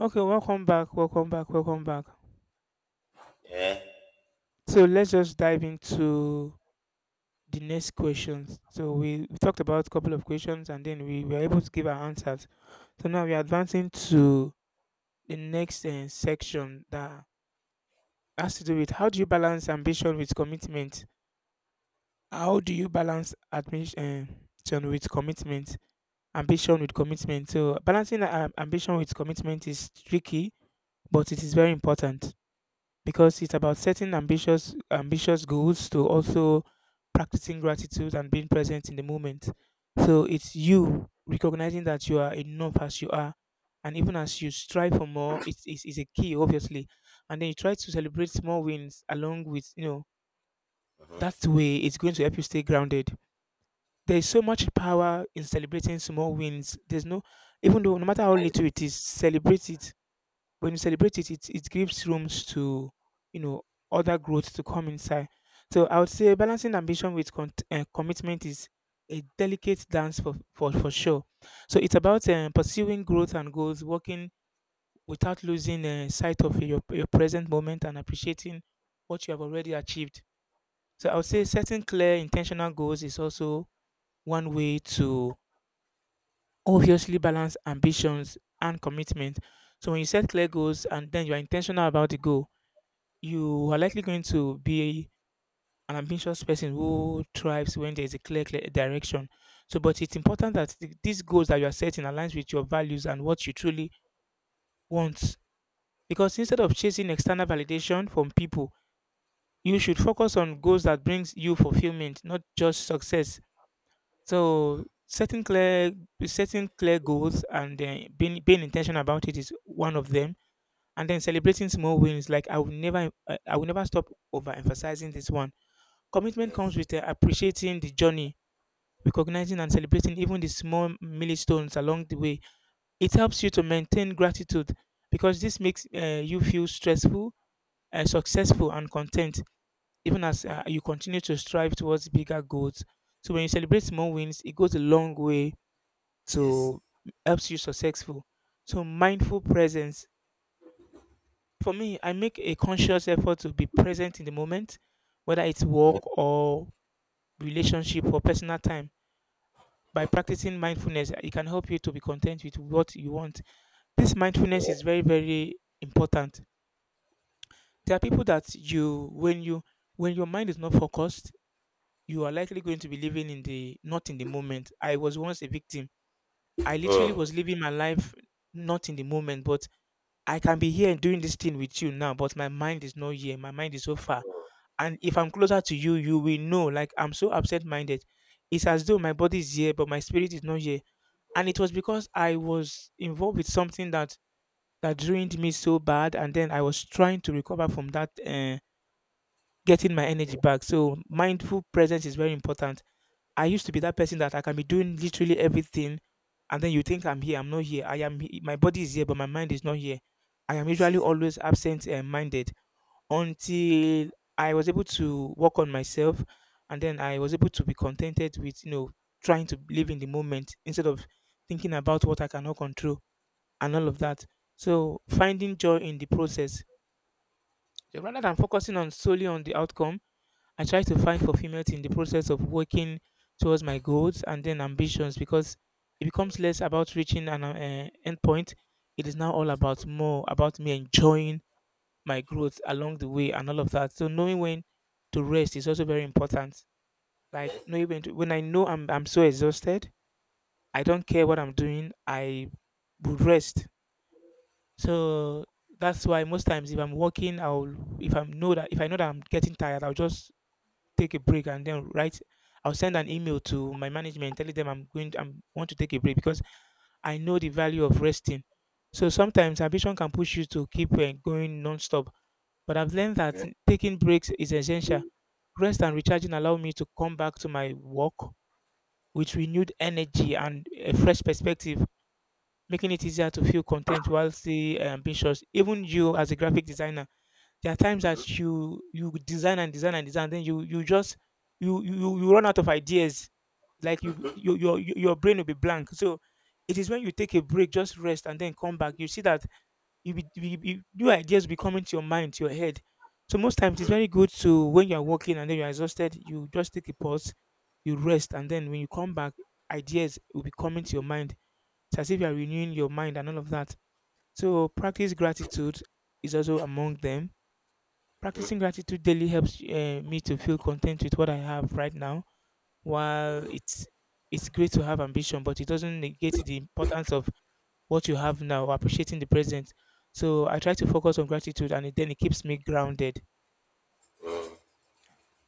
Okay, welcome back, welcome back, welcome back. Yeah. So let's just dive into the next questions. So we talked about a couple of questions and then we were able to give our answers. So now we're advancing to the next section that has to do with how do you balance ambition with commitment? How do you balance admission with commitment? Ambition with commitment. So balancing ambition with commitment is tricky, but it is very important. Because it's about setting ambitious goals to also practicing gratitude and being present in the moment. So it's you recognizing that you are enough as you are, and even as you strive for more, it's a key obviously. And then you try to celebrate small wins along with Uh-huh. that way it's going to help you stay grounded. There is so much power in celebrating small wins. There's no even though no matter how Yeah. little it is, celebrate it when you celebrate it, it gives rooms to you know other growth to come inside. So I would say balancing ambition with commitment is a delicate dance for sure. So it's about pursuing growth and goals, working without losing sight of your present moment and appreciating what you have already achieved. So I would say Uh-huh. setting clear intentional goals is also one way to obviously balance ambitions and commitment. So when you set clear goals and then you are intentional about the goal, you are Uh-huh. likely going to be an ambitious person who thrives when there is a clear direction. So, but it's important that these goals that you are setting aligns with your values and what you truly want. Because instead Uh-huh. of chasing external validation from people, you should focus on goals that brings you fulfillment, not just success. So, setting clear goals and being intentional about it is one of them. And then celebrating small wins, like I will never stop overemphasizing this one. Commitment comes Yes. with appreciating the journey, recognizing and celebrating even the small milestones along the way. It helps you to maintain gratitude because this makes you feel stressful, successful, and content, even as Uh-huh. You continue to strive towards bigger goals. So when you celebrate small wins, it goes a long way Yes. to helps you successful. So mindful presence. For me, I make a conscious effort to be present in the moment, whether it's work Uh-huh. or relationship or personal time. By Uh-huh. practicing mindfulness, it can help you to be content with what you want. This Yeah. mindfulness is very, very important. There are people that when you, when your mind is not focused, you are likely going to be living in the not in the moment. I was once a victim. I literally Huh was living my life not in the moment, but I can be here and doing this thing with you now, but my mind is not here. My mind is so far. And if I'm closer to you, you will know. Like I'm so absent minded. It's as though my body is here, but my spirit is not here. And it was because I was involved with something that drained me so bad, and then I was trying to recover from that, getting my energy back. So mindful presence is very important. I used to be that person that I can be doing literally everything, and then you think I'm here, I'm not here. My body is here, but my mind is not here. I am usually Yes. always absent and minded until I was able to work on myself and then I was able to be contented with, you know, trying to live in the moment instead of thinking about what I cannot control and all of that. So finding joy in the process. So rather than focusing on solely on the outcome, I try to find fulfillment in the process of working towards my goals and then ambitions because it becomes less about reaching an end point. It is now all about more about me enjoying my growth along the way and all of that. So knowing when to rest is also very important. Like knowing when I know I'm so exhausted, I don't care what I'm doing. I would rest. So that's why most times if I'm working, I'll if I know that I'm getting tired, I'll just take a break and then write. I'll send an email to my management telling them I'm want to take a break because I know the value of resting. So sometimes ambition can push you to keep going nonstop. But I've learned that uh taking breaks is essential. Rest and recharging allow me to come back to my work with renewed energy and a fresh perspective, making it easier to feel content while still ambitious. Even you, as a graphic designer, there are times huh that you design and design and design, then you just you run out of ideas. Like you your brain will be blank. So it is when you take a break, just rest, and then come back. You see that you be, you, new ideas will be coming to your mind, to your head. So most times it's very good to when you are working and then you are exhausted, you just take a pause, you rest, and then when you come back, ideas will be coming to your mind. It's as if you are renewing your mind and all of that. So practice gratitude is also among them. uh huh Practicing gratitude daily helps me to feel content with what I have right now. uh While huh it's great to have ambition, but it doesn't negate the importance of what you have now, appreciating the present. So I try to focus on gratitude and then it keeps me grounded.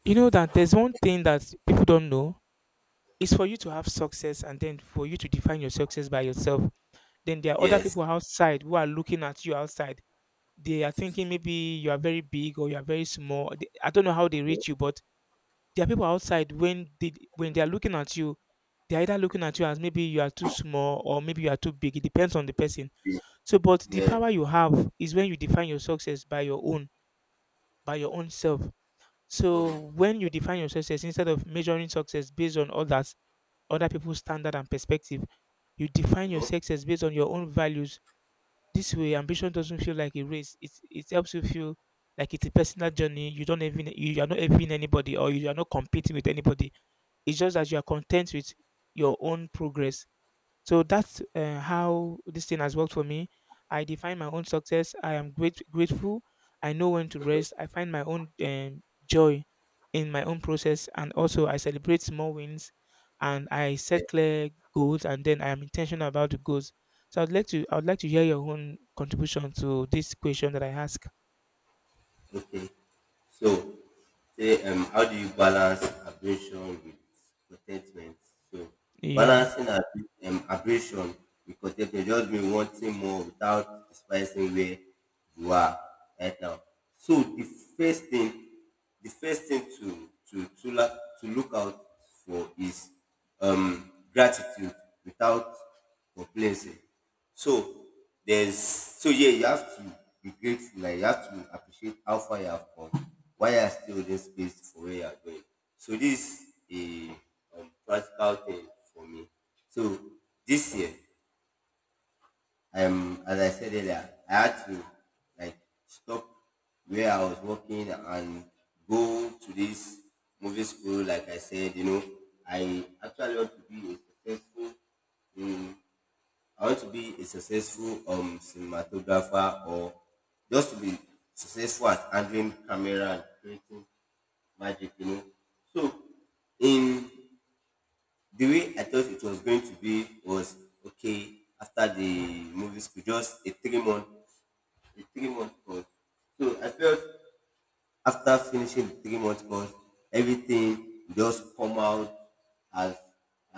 You know that there's one thing that people don't know. It's for you to have success and then for you to define your success by yourself. Then there are other yes. people outside who are looking at you outside. They are thinking maybe you are very big or you are very small. I don't know how uh they huh reach you, but there are people outside when they are looking at you, they're either looking at you as maybe you are too small or maybe you are too big. It depends on the person. So, but the yes. power you have is when you define your success by your own self. Uh huh yeah. Uh- huh yes. Yeah. Uh-huh. Uh-huh. Uh-huh. Uh-huh. Uh-huh. Yes. Uh-huh. Yeah. So, Oh. when you define your success, instead of measuring success based on others, other people's standard and perspective, you define your Uh-huh. success based on your own values. This way, ambition doesn't feel like a race. It helps you feel like it's a personal journey. You don't even you are not envying anybody or you are not competing with anybody. It's just that you are content with your own progress, so that's how this thing has worked for me. I define my own success. I am grateful. I know when to rest. I find my own joy in my own process, and also I celebrate small wins, and I Yeah. set clear goals, and then I am intentional about the goals. So I'd like to hear your own contribution to this question that I ask. Okay. So, say, how do you balance abrasion with contentment? So, Yeah. balancing abrasion with contentment just means wanting more without despising where you are right now. So, first thing the first thing to look out for is gratitude without complaining. So so yeah, you have to be grateful. Like you have to appreciate how far you have come, why you are still in this space for where you are going. So this is a practical thing for me. So this year, as I said earlier, I had to like stop where I was working and go to this movie school. Like I said, you know, I actually want to be a successful. Um, I want to be a successful cinematographer or just to be successful at handling camera and creating magic. You know, so in the way I thought it was going to be was okay, after the movie school, just a three month the 3-month course. So I felt after finishing the 3-month course, everything just come out as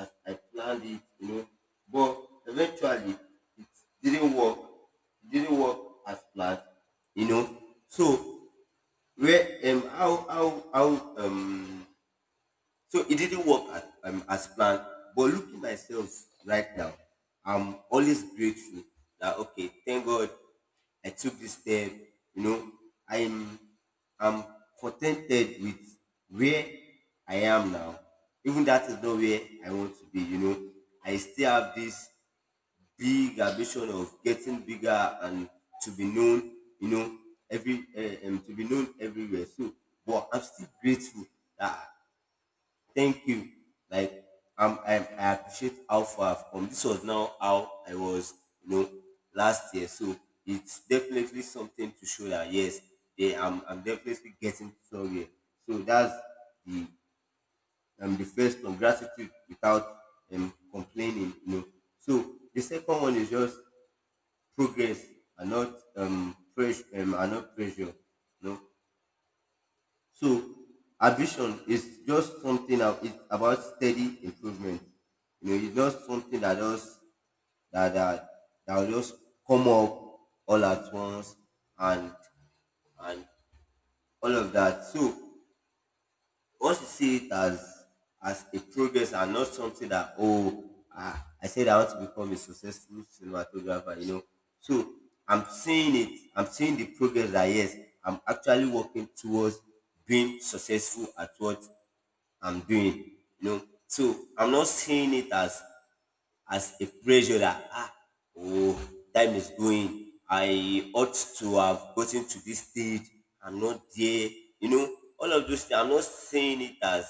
as I planned it, you know. But eventually it didn't work. It didn't work as planned, you know. So where how um so it didn't work as planned. But looking myself right now, I'm always grateful that okay, thank God I took this step. You know, I'm I'm contented with where I am now. Even that is not where I want to be. You know, I still have this big ambition of getting bigger and to be known. You know, every to be known everywhere. So, but I'm still grateful that thank you. Like I appreciate how far I've come. This was now how I was, you know, last year. So it's definitely something to show that yeah, I'm definitely getting somewhere. So that's the the first one, gratitude without complaining, you know. So the second one is just progress and not pressure, and not pressure. You know, so ambition is just something of, it's about steady improvement. You know, it's not something that just that that that will just come up all at once and and all of that. So once you see it as a progress and not something that oh ah, I said I want to become a successful cinematographer, you know. So I'm seeing the progress that yes, I'm actually working towards being successful at what I'm doing. You know, so I'm not seeing it as a pressure that ah oh, time is going. I ought to have gotten to this stage. I'm not there. You know, all of those things.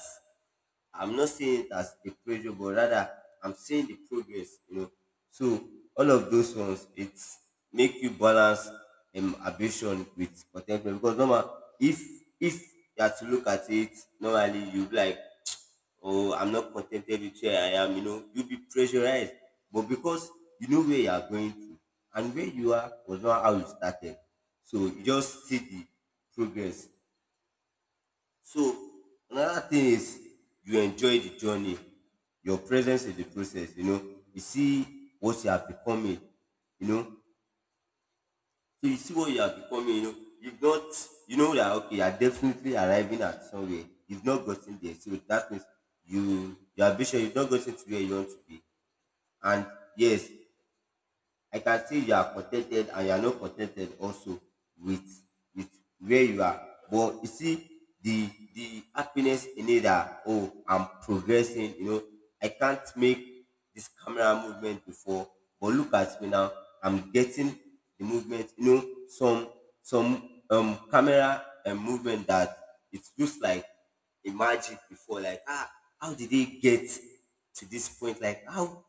I'm not seeing it as a pressure, but rather I'm seeing the progress. You know, so all of those ones it make you balance ambition with contentment because normal if if you have to look at it normally you be like oh, I'm not contented with where I am, you know, you'll be pressurized. But because you know where you are going to and where you are was not how you started. So you just see the progress. So another thing is you enjoy the journey, your presence in the process, you know, you see what you are becoming, you know, so you see what you are becoming, you know. You've not, you know that okay, you are definitely arriving at somewhere. You've not gotten there. So that means you your ambition, you've not gotten to where you want to be. And yes, I can see you are contented and you are not contented also with with where you are. But you see the happiness in it that oh, I'm progressing, you know, I can't make this camera movement before, but look at me now, I'm getting the movement, you know, some camera and movement that it looks like a magic before, like ah, how did they get to this point? Like how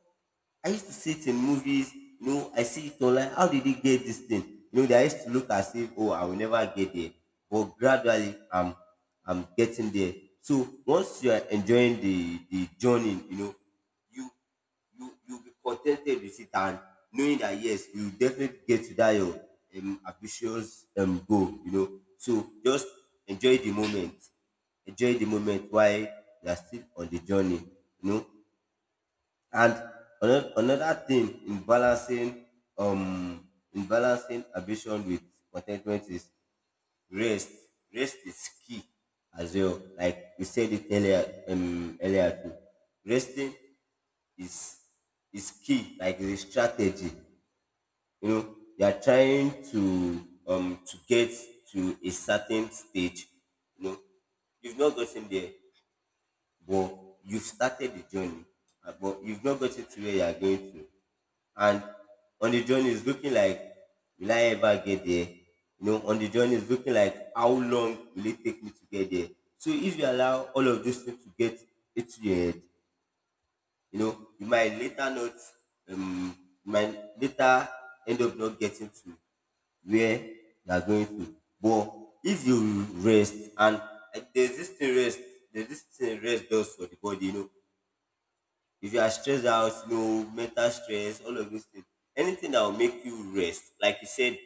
I used to see it in movies. You know, I see it online. How did he get this thing? You know, they used to look as if, oh, I will never get there. But gradually, I'm getting there. So once you are enjoying the journey, you know, you, you'll be contented with it and knowing that, yes, you definitely get to that your ambitious goal, you know. So just enjoy the moment enjoy the moment while you are still on the journey. You know, and another thing um in balancing ambition with contentment is rest. Rest is key as well. Like we said it earlier, earlier too. Resting is is key, like the strategy. You know, you are trying to get to a certain stage. You know, you've not gotten there but you've started the journey, but you've not got it to where you are going to. And on the journey, it's looking like, will I ever get there? You know, on the journey, it's looking like, how long will it take me to get there? So if you allow all of these things to get into your head, you know, you might later not, um, you might later end up not getting to where you are going to. But if you rest and and there's this thing rest, there's this thing rest does for the body, you know. If you are stressed out, you know, mental stress, all of these things, anything that will make you rest,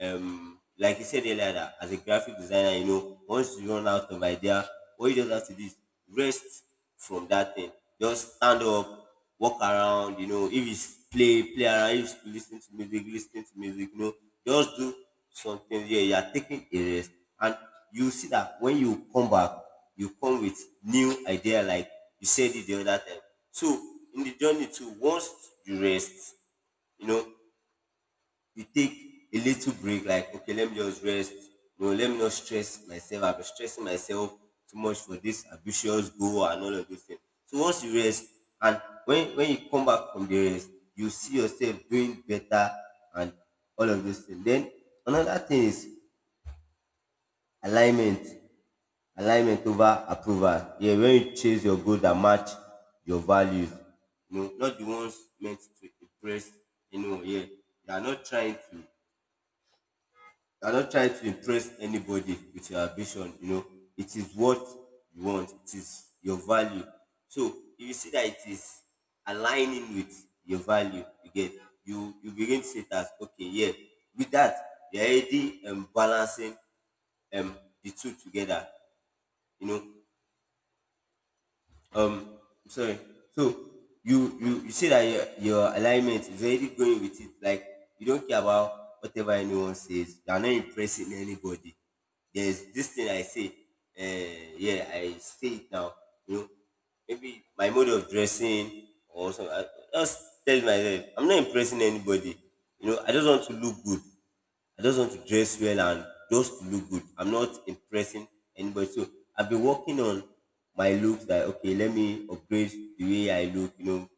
like you said earlier that as a graphic designer, you know, once you run out of idea, all you just have to do is rest from that thing, just stand up, walk around, you know, if it's play around, if it's listen to music, listen to music, you know, just do something, yeah, you are taking a rest, and you see that when you come back you come with new idea, like you said it the other time. So in the journey too, once you rest, you know, you take a little break, like, okay, let me just rest. No, let me not stress myself. I've been stressing myself too much for this ambitious goal and all of those things. So once you rest, and when you come back from the rest, you see yourself doing better and all of those things. Then another thing is alignment. Alignment over approval. Yeah, when you chase your goal that match your values, you know, not the ones meant to impress anyone. Yeah, are not trying to you're not trying to impress anybody with your ambition, you know. It is what you want, it is your value. So if you see that it is aligning with your value, you get you begin to see it as okay, yeah. With that, you're already balancing um the two together, you know. Um, sorry. So you say that your alignment is already going with it. Like you don't care about whatever anyone says. You are not impressing anybody. There's this thing I say. Yeah, I say it now. You know, maybe my mode of dressing or something. I just tell myself I'm not impressing anybody. You know, I just want to look good. I just want to dress well and just to look good. I'm not impressing anybody. So I've been working on my looks. Like okay, let me upgrade the way I look. You know,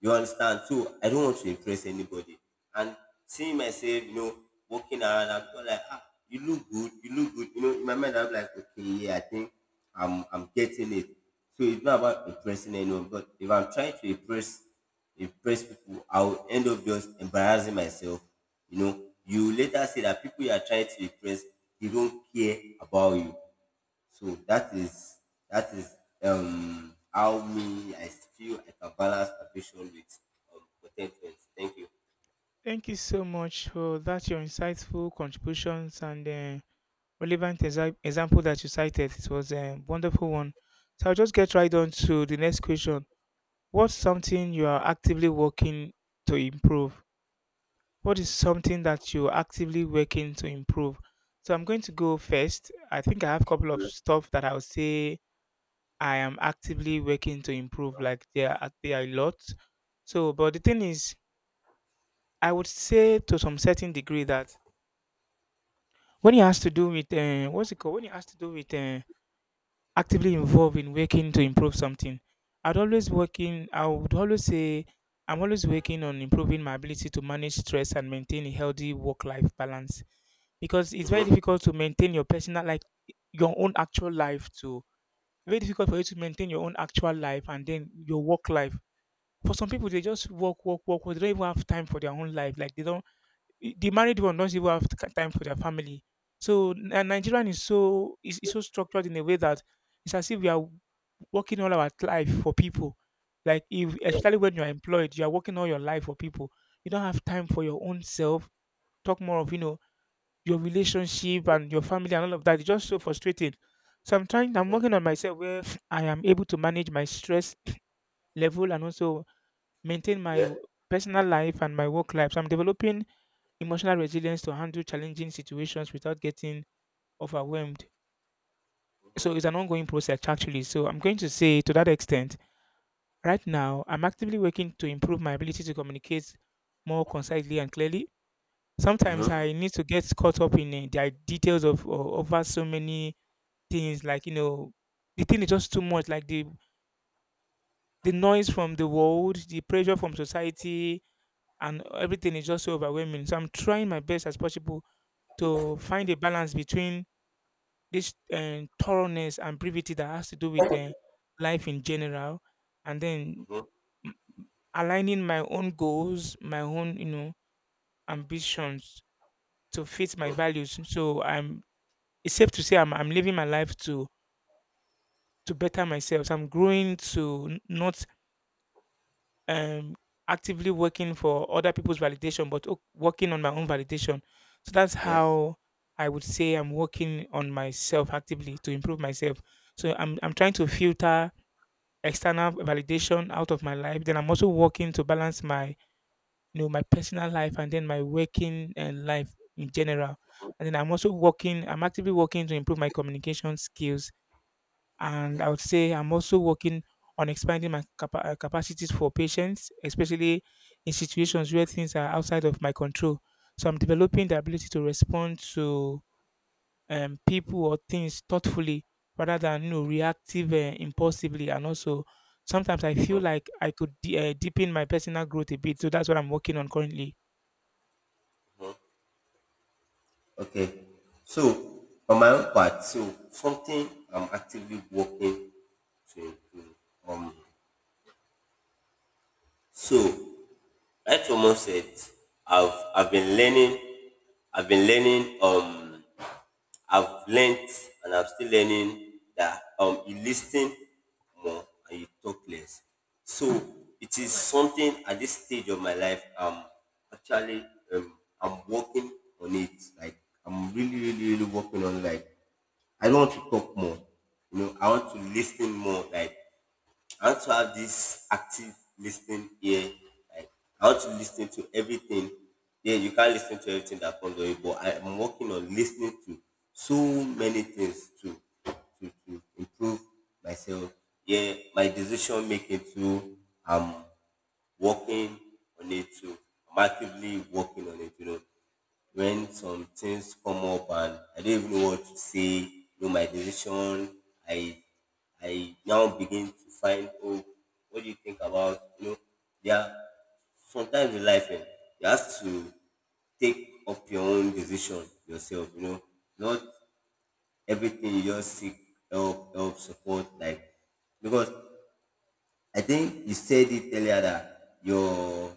you understand? So I don't want to impress anybody. And seeing myself, you know, walking around, I'm just like, ah, you look good, you look good. You know, in my mind, I'm like, okay, yeah, I think I'm getting it. So it's not about impressing anyone, but if I'm trying to impress people, I'll end up just embarrassing myself. You know, you later see that people you are trying to impress, they don't care about you. So that is how me I feel I can balance ambition with contentment. Thank you. Thank you so much for that your insightful contributions and relevant example that you cited. It was a wonderful one. So I'll just get right on to the next question. What's something you are actively working to improve? What is something that you're actively working to improve? So I'm going to go first. I think I have a couple of stuff that I would say I am actively working to improve. Like there are a lot. So, but the thing is, I would say to some certain degree that when it has to do with what's it called? When it has to do with actively involved in working to improve something. I'd always working. I would always say I'm always working on improving my ability to manage stress and maintain a healthy work-life balance, because it's very Mm-hmm. difficult to maintain your personal like your own actual life to very difficult for you to maintain your own actual life and then your work life. For some people they just work work work, they don't even have time for their own life, like they don't the married one does not even have time for their family. So nigerian is is so structured in a way that it's as if we are working all our life for people. Like if Yeah. especially when you're employed, you are working all your life for people. You don't have time for your own self. Talk more of, your relationship and your family and all of that. It's just so frustrating. So I'm working on myself where I am able to manage my stress level and also maintain my Yeah. personal life and my work life. So I'm developing emotional resilience to handle challenging situations without getting overwhelmed. So it's an ongoing process actually. So I'm going to say to that extent right now, I'm actively working to improve my ability to communicate more concisely and clearly. Sometimes Mm-hmm. I need to get caught up in the details of over so many things, like the thing is just too much. Like the noise from the world, the pressure from society, and everything is just so overwhelming. So I'm trying my best as possible to find a balance between this thoroughness and brevity that has to do with life in general, and then Mm-hmm. aligning my own goals, my own, ambitions to fit my Mm-hmm. values. So I'm it's safe to say I'm living my life to better myself. So I'm growing to not um actively working for other people's validation, but working on my own validation. So that's Yes. how I would say I'm working on myself actively to improve myself. So I'm trying to filter external validation out of my life. Then I'm also working to balance my my personal life and then my working life in general. And then I'm actively working to improve my communication skills. And Okay. I would say I'm also working on expanding my capacities for patients, especially in situations where things are outside of my control. So I'm developing the ability to respond to people or things thoughtfully rather than reactive impulsively. And also, sometimes I feel Mm-hmm. like I could deepen my personal growth a bit. So that's what I'm working on currently. Mm-hmm. Okay. So on my own part, so something I'm actively working to improve. Um. So like Thomas said, I've been learning. I've been learning. I've learned and I'm still learning that you listen more and you talk less. So it is something at this stage of my life, actually I'm working on it. Like I'm really, really, really working on, like, I don't want to talk more. You know, I want to listen more. Like, I want to have this active listening here. Like, I want to listen to everything. Yeah, you can't listen to everything that comes on you, but I am working on listening to so many things to to improve myself. Yeah, my decision making too. I'm working on it too. I'm actively working on it, you know, when some things come up and I don't even know what to say, you know, my decision, I I now begin to find, oh, what do you think about, you know, yeah, sometimes in life, you have to take up your own decision yourself, you know, not everything you just seek help, help, support, like, because I think you said it earlier that your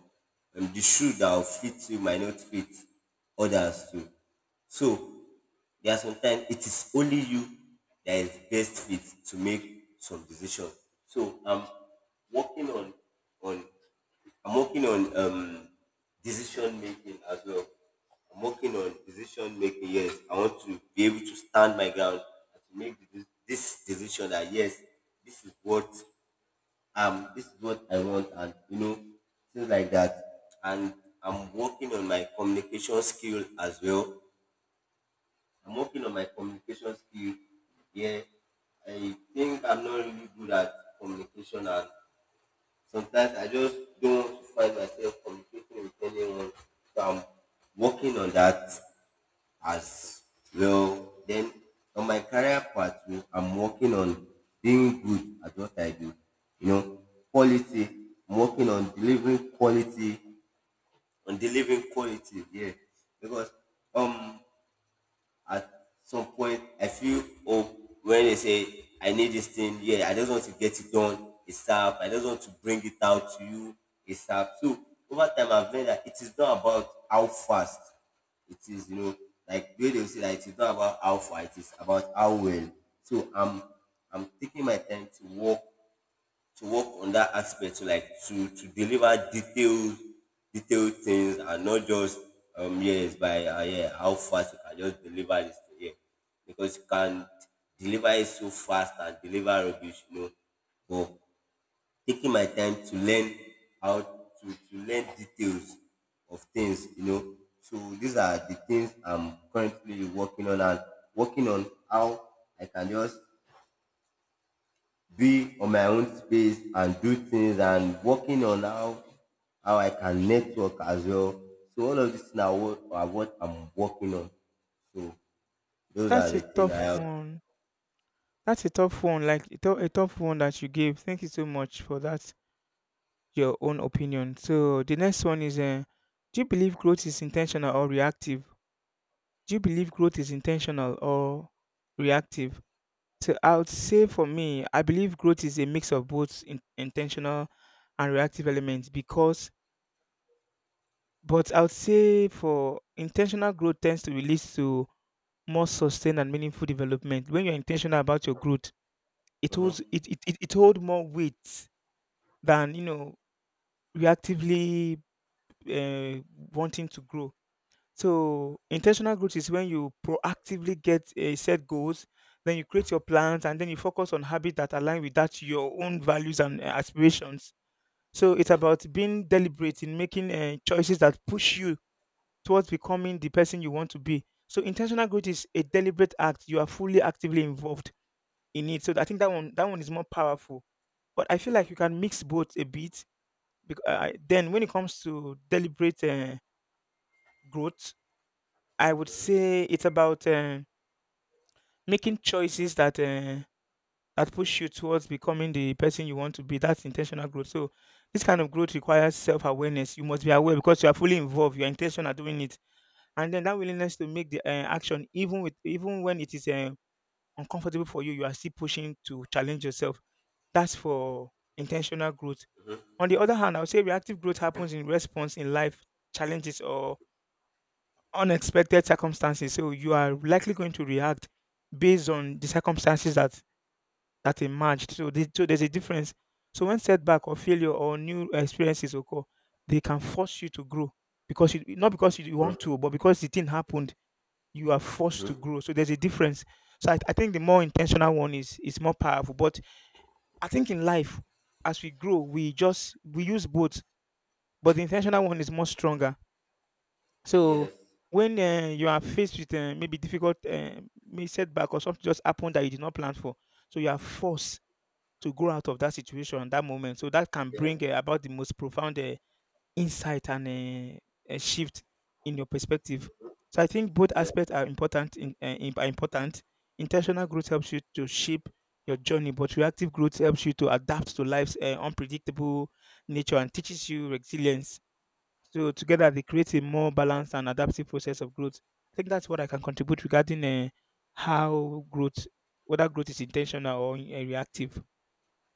the shoe that will fit you might not fit others too. So there are sometimes it is only you that is best fit to make some decision. So I'm working on on I'm working on decision making as well. I'm working on decision making. Yes, I want to be able to stand my ground and to make this decision that, yes, this is what this is what I want, and you know things like that, and I'm working on my communication skill as well. I'm working on my communication skill. Yeah, I think I'm not really good at communication, and sometimes I just don't want to find myself communicating with anyone. So I'm working on that as well. Then on my career pathway, I'm working on being good at what I do. You know, quality. I'm working on delivering quality, on delivering quality. Yeah, because um, at some point I feel, oh, when they say I need this thing, yeah, I just want to get it done ASAP. I just want to bring it out to you ASAP. So over time I've learned that it is not about how fast it is, you know, like the way they will say that it is not about how far, it is about how well. So I'm taking my time to work on that aspect, to, like, to deliver detailed things and not just yes, by yeah, how fast you can just deliver this thing, yeah, because you can deliver it so fast and deliver rubbish, you know, but taking my time to learn how to learn details of things, you know, so these are the things I'm currently working on, and working on how I can just be on my own space and do things, and working on how I can network as well. So all of this now, what I'm working on. So those are That's a the things I tough have. one. That's a tough one, like a tough one that you gave. Thank you so much for that, your own opinion. So the next one is, do you believe growth is intentional or reactive? Do you believe growth is intentional or reactive? So I would say for me, I believe growth is a mix of both in intentional and reactive elements because but I would say for intentional growth tends to lead to more sustained and meaningful development. When you're intentional about your growth, it Mhm, holds it it it it hold more weight than, reactively, eh, wanting to grow. So, intentional growth is when you proactively get, a set goals, then you create your plans, and then you focus on habits that align with that your own values and, aspirations. So it's about being deliberate in making, choices that push you towards becoming the person you want to be. So intentional growth is a deliberate act. You are fully actively involved in it. So I think that one is more powerful. But I feel like you can mix both a bit. Then when it comes to deliberate growth, I would say it's about making choices that that push you towards becoming the person you want to be. That's intentional growth. So this kind of growth requires self-awareness. You must be aware because you are fully involved. Your intention are doing it, and then that willingness to make the action, even when it is uncomfortable for you, you are still pushing to challenge yourself. That's for intentional growth. On the other hand, I would say reactive growth happens in response in life challenges or unexpected circumstances. So you are likely going to react based on the circumstances that emerged. So, so there's a difference. So when setback or failure or new experiences occur, they can force you to grow because not because you mhm, want to, but because the thing happened, you are forced to mhm. grow. So there's a difference. So I think the more intentional one is more powerful. But I think in life, as we grow, we use both but the intentional one is much stronger. So Yes. when you are faced with maybe difficult may setback or something just happened that you did not plan for, so you are forced to grow out of that situation, that moment. So that can Yes. bring about the most profound insight and a shift in your perspective. So I think both Yes. aspects are important. Are important. Intentional growth helps you to shape your journey, but reactive growth helps you to adapt to life's unpredictable nature and teaches you resilience. So together they create a more balanced and adaptive process of growth. I think that's what I can contribute regarding how growth, whether growth is intentional or reactive.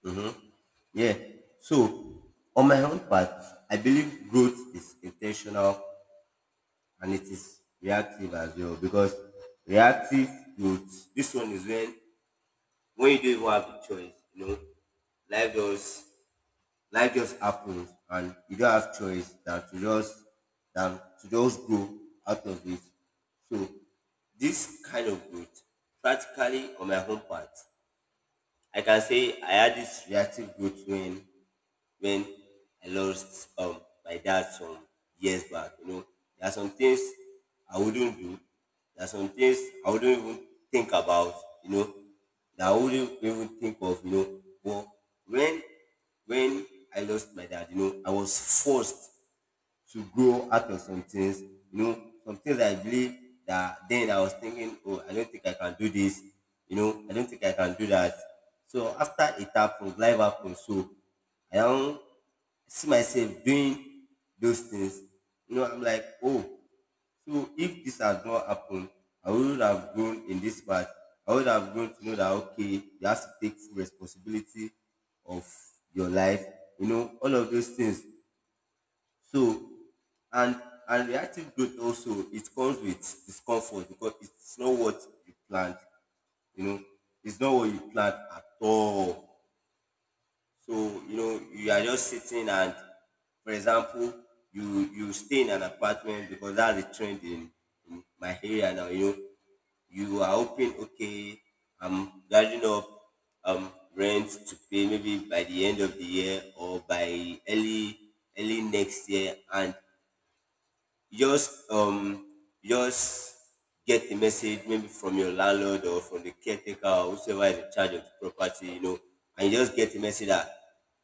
Mhm. Yeah. So on my own part, I believe growth is intentional and it is reactive as well, because reactive growth, this one is when you don't even have a choice, you know, life just life just happens, and you don't have choice than to just grow out of it. So this kind of growth, practically on my own part, I can say I had this reactive growth when when I lost my dad some years back. You know, there are some things I wouldn't do. There are some things I wouldn't even think about. You know, that I wouldn't even think of. You know, but when when I lost my dad, you know, I was forced to grow out of some things. You know, some things I believe that then I was thinking, oh, I don't think I can do this. You know, I don't think I can do that. So after it happened, life happened. So I don't see myself doing those things. You know, I'm like, oh, so if this had not happened, I would have grown in this part. I would have grown to know that, okay, you have to take full responsibility of your life. You know, all of those things. So, and and reactive growth also, it comes with discomfort because it's not what you planned. You know, it's not what you planned at all. So you know you are just sitting, and, for example, you stay in an apartment because that's the trend in my area now. You know, you are hoping, okay, I'm gathering up rent to pay maybe by the end of the year or by early next year, and just um just get a message maybe from your landlord or from the caretaker or whoever is in charge of the property, you know, and you just get a message that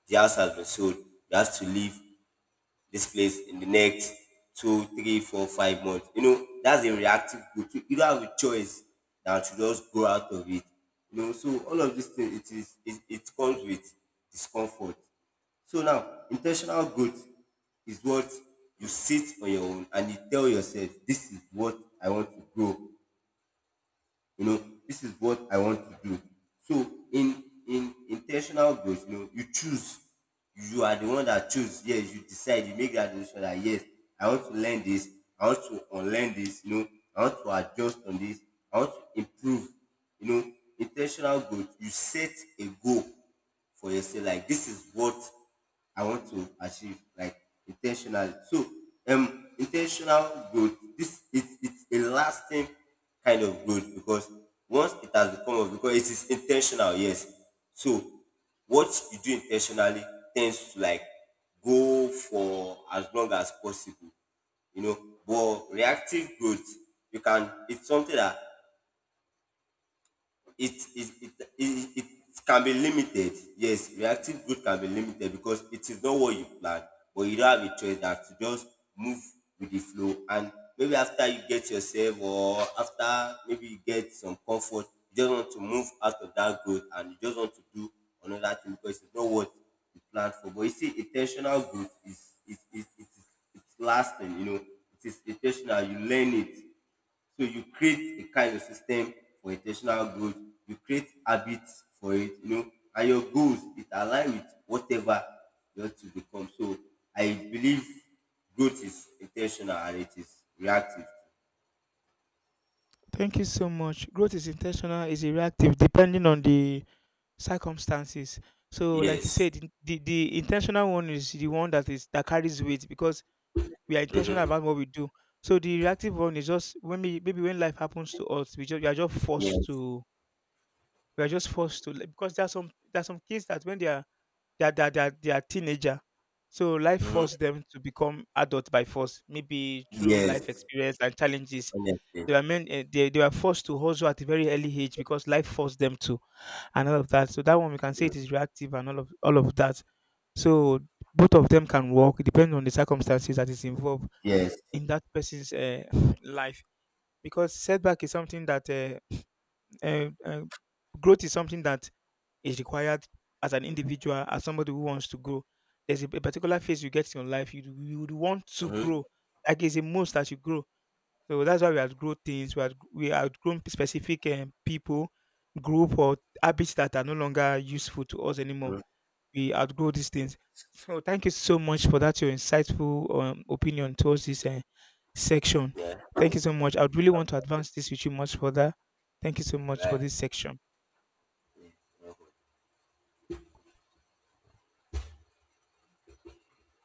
the house has been sold, you have to leave this place in the next two, three, four, 5 months. You know, that's a reactive group. So you don't have a choice than to just go out of it. You know, so all of these things, it comes with discomfort. So now intentional growth is what you sit on your own and you tell yourself, this is what I want to grow, you know, this is what I want to do. So in intentional growth, you know, you choose, you are the one that choose, yes, you decide, you make that decision that, yes, I want to learn this, I want to unlearn this, you know, I want to adjust on this, I want to improve, you know, intentional growth, you set a goal for yourself. Like, this is what I want to achieve. Like, intentionally. So intentional growth, This it's a lasting kind of growth because once it has become of, because it is intentional, yes. So what you do intentionally tends to, like, go for as long as possible, you know, but reactive growth, you can, it's something that it, it can be limited. Yes, reactive growth can be limited because it is not what you planned, but you don't have a choice that to just move with the flow. And maybe after you get yourself, or after maybe you get some comfort, you just want to move out of that growth, and you just want to do another thing because it's not what you planned for. But you see, intentional growth is it is it's lasting. You know, it is intentional. You learn it, so you create a kind of system for intentional growth. You create habits for it, you know, and your goals, it align with whatever you want to become. So I believe growth is intentional and it is reactive. Thank you so much. Growth is intentional, is reactive, depending on the circumstances. So, like you Yes. said, the intentional one is the one that carries weight because we are intentional about what we do. So the reactive one is just when we, maybe when life happens to us, we are just forced Yes. to we are just forced to like, because there are some kids that when they are teenager, so life Hmm. forced them to become adult by force, maybe through life Yes. experience and challenges Honestly. they were men they were forced to hustle at a very early age because life forced them to and all of that. So that one we can say it is reactive and all of that. So both of them can work. It depends on the circumstances that is involved Yes. in that person's life. Because setback is something that uh, uh, growth is something that is required as an individual, as somebody who wants to grow. There's a particular phase you get in your life. You would want to Mm-hmm. grow. Like it's a must that you grow so that's why we outgrow things. We outgrown specific people, group, or habits that are no longer useful to us anymore. We outgrow these things. So thank you so much for that your insightful opinion towards this section. Yeah. Thank you so much. I would really want to advance this with you much further. Thank you so much for Right. this section. Yeah.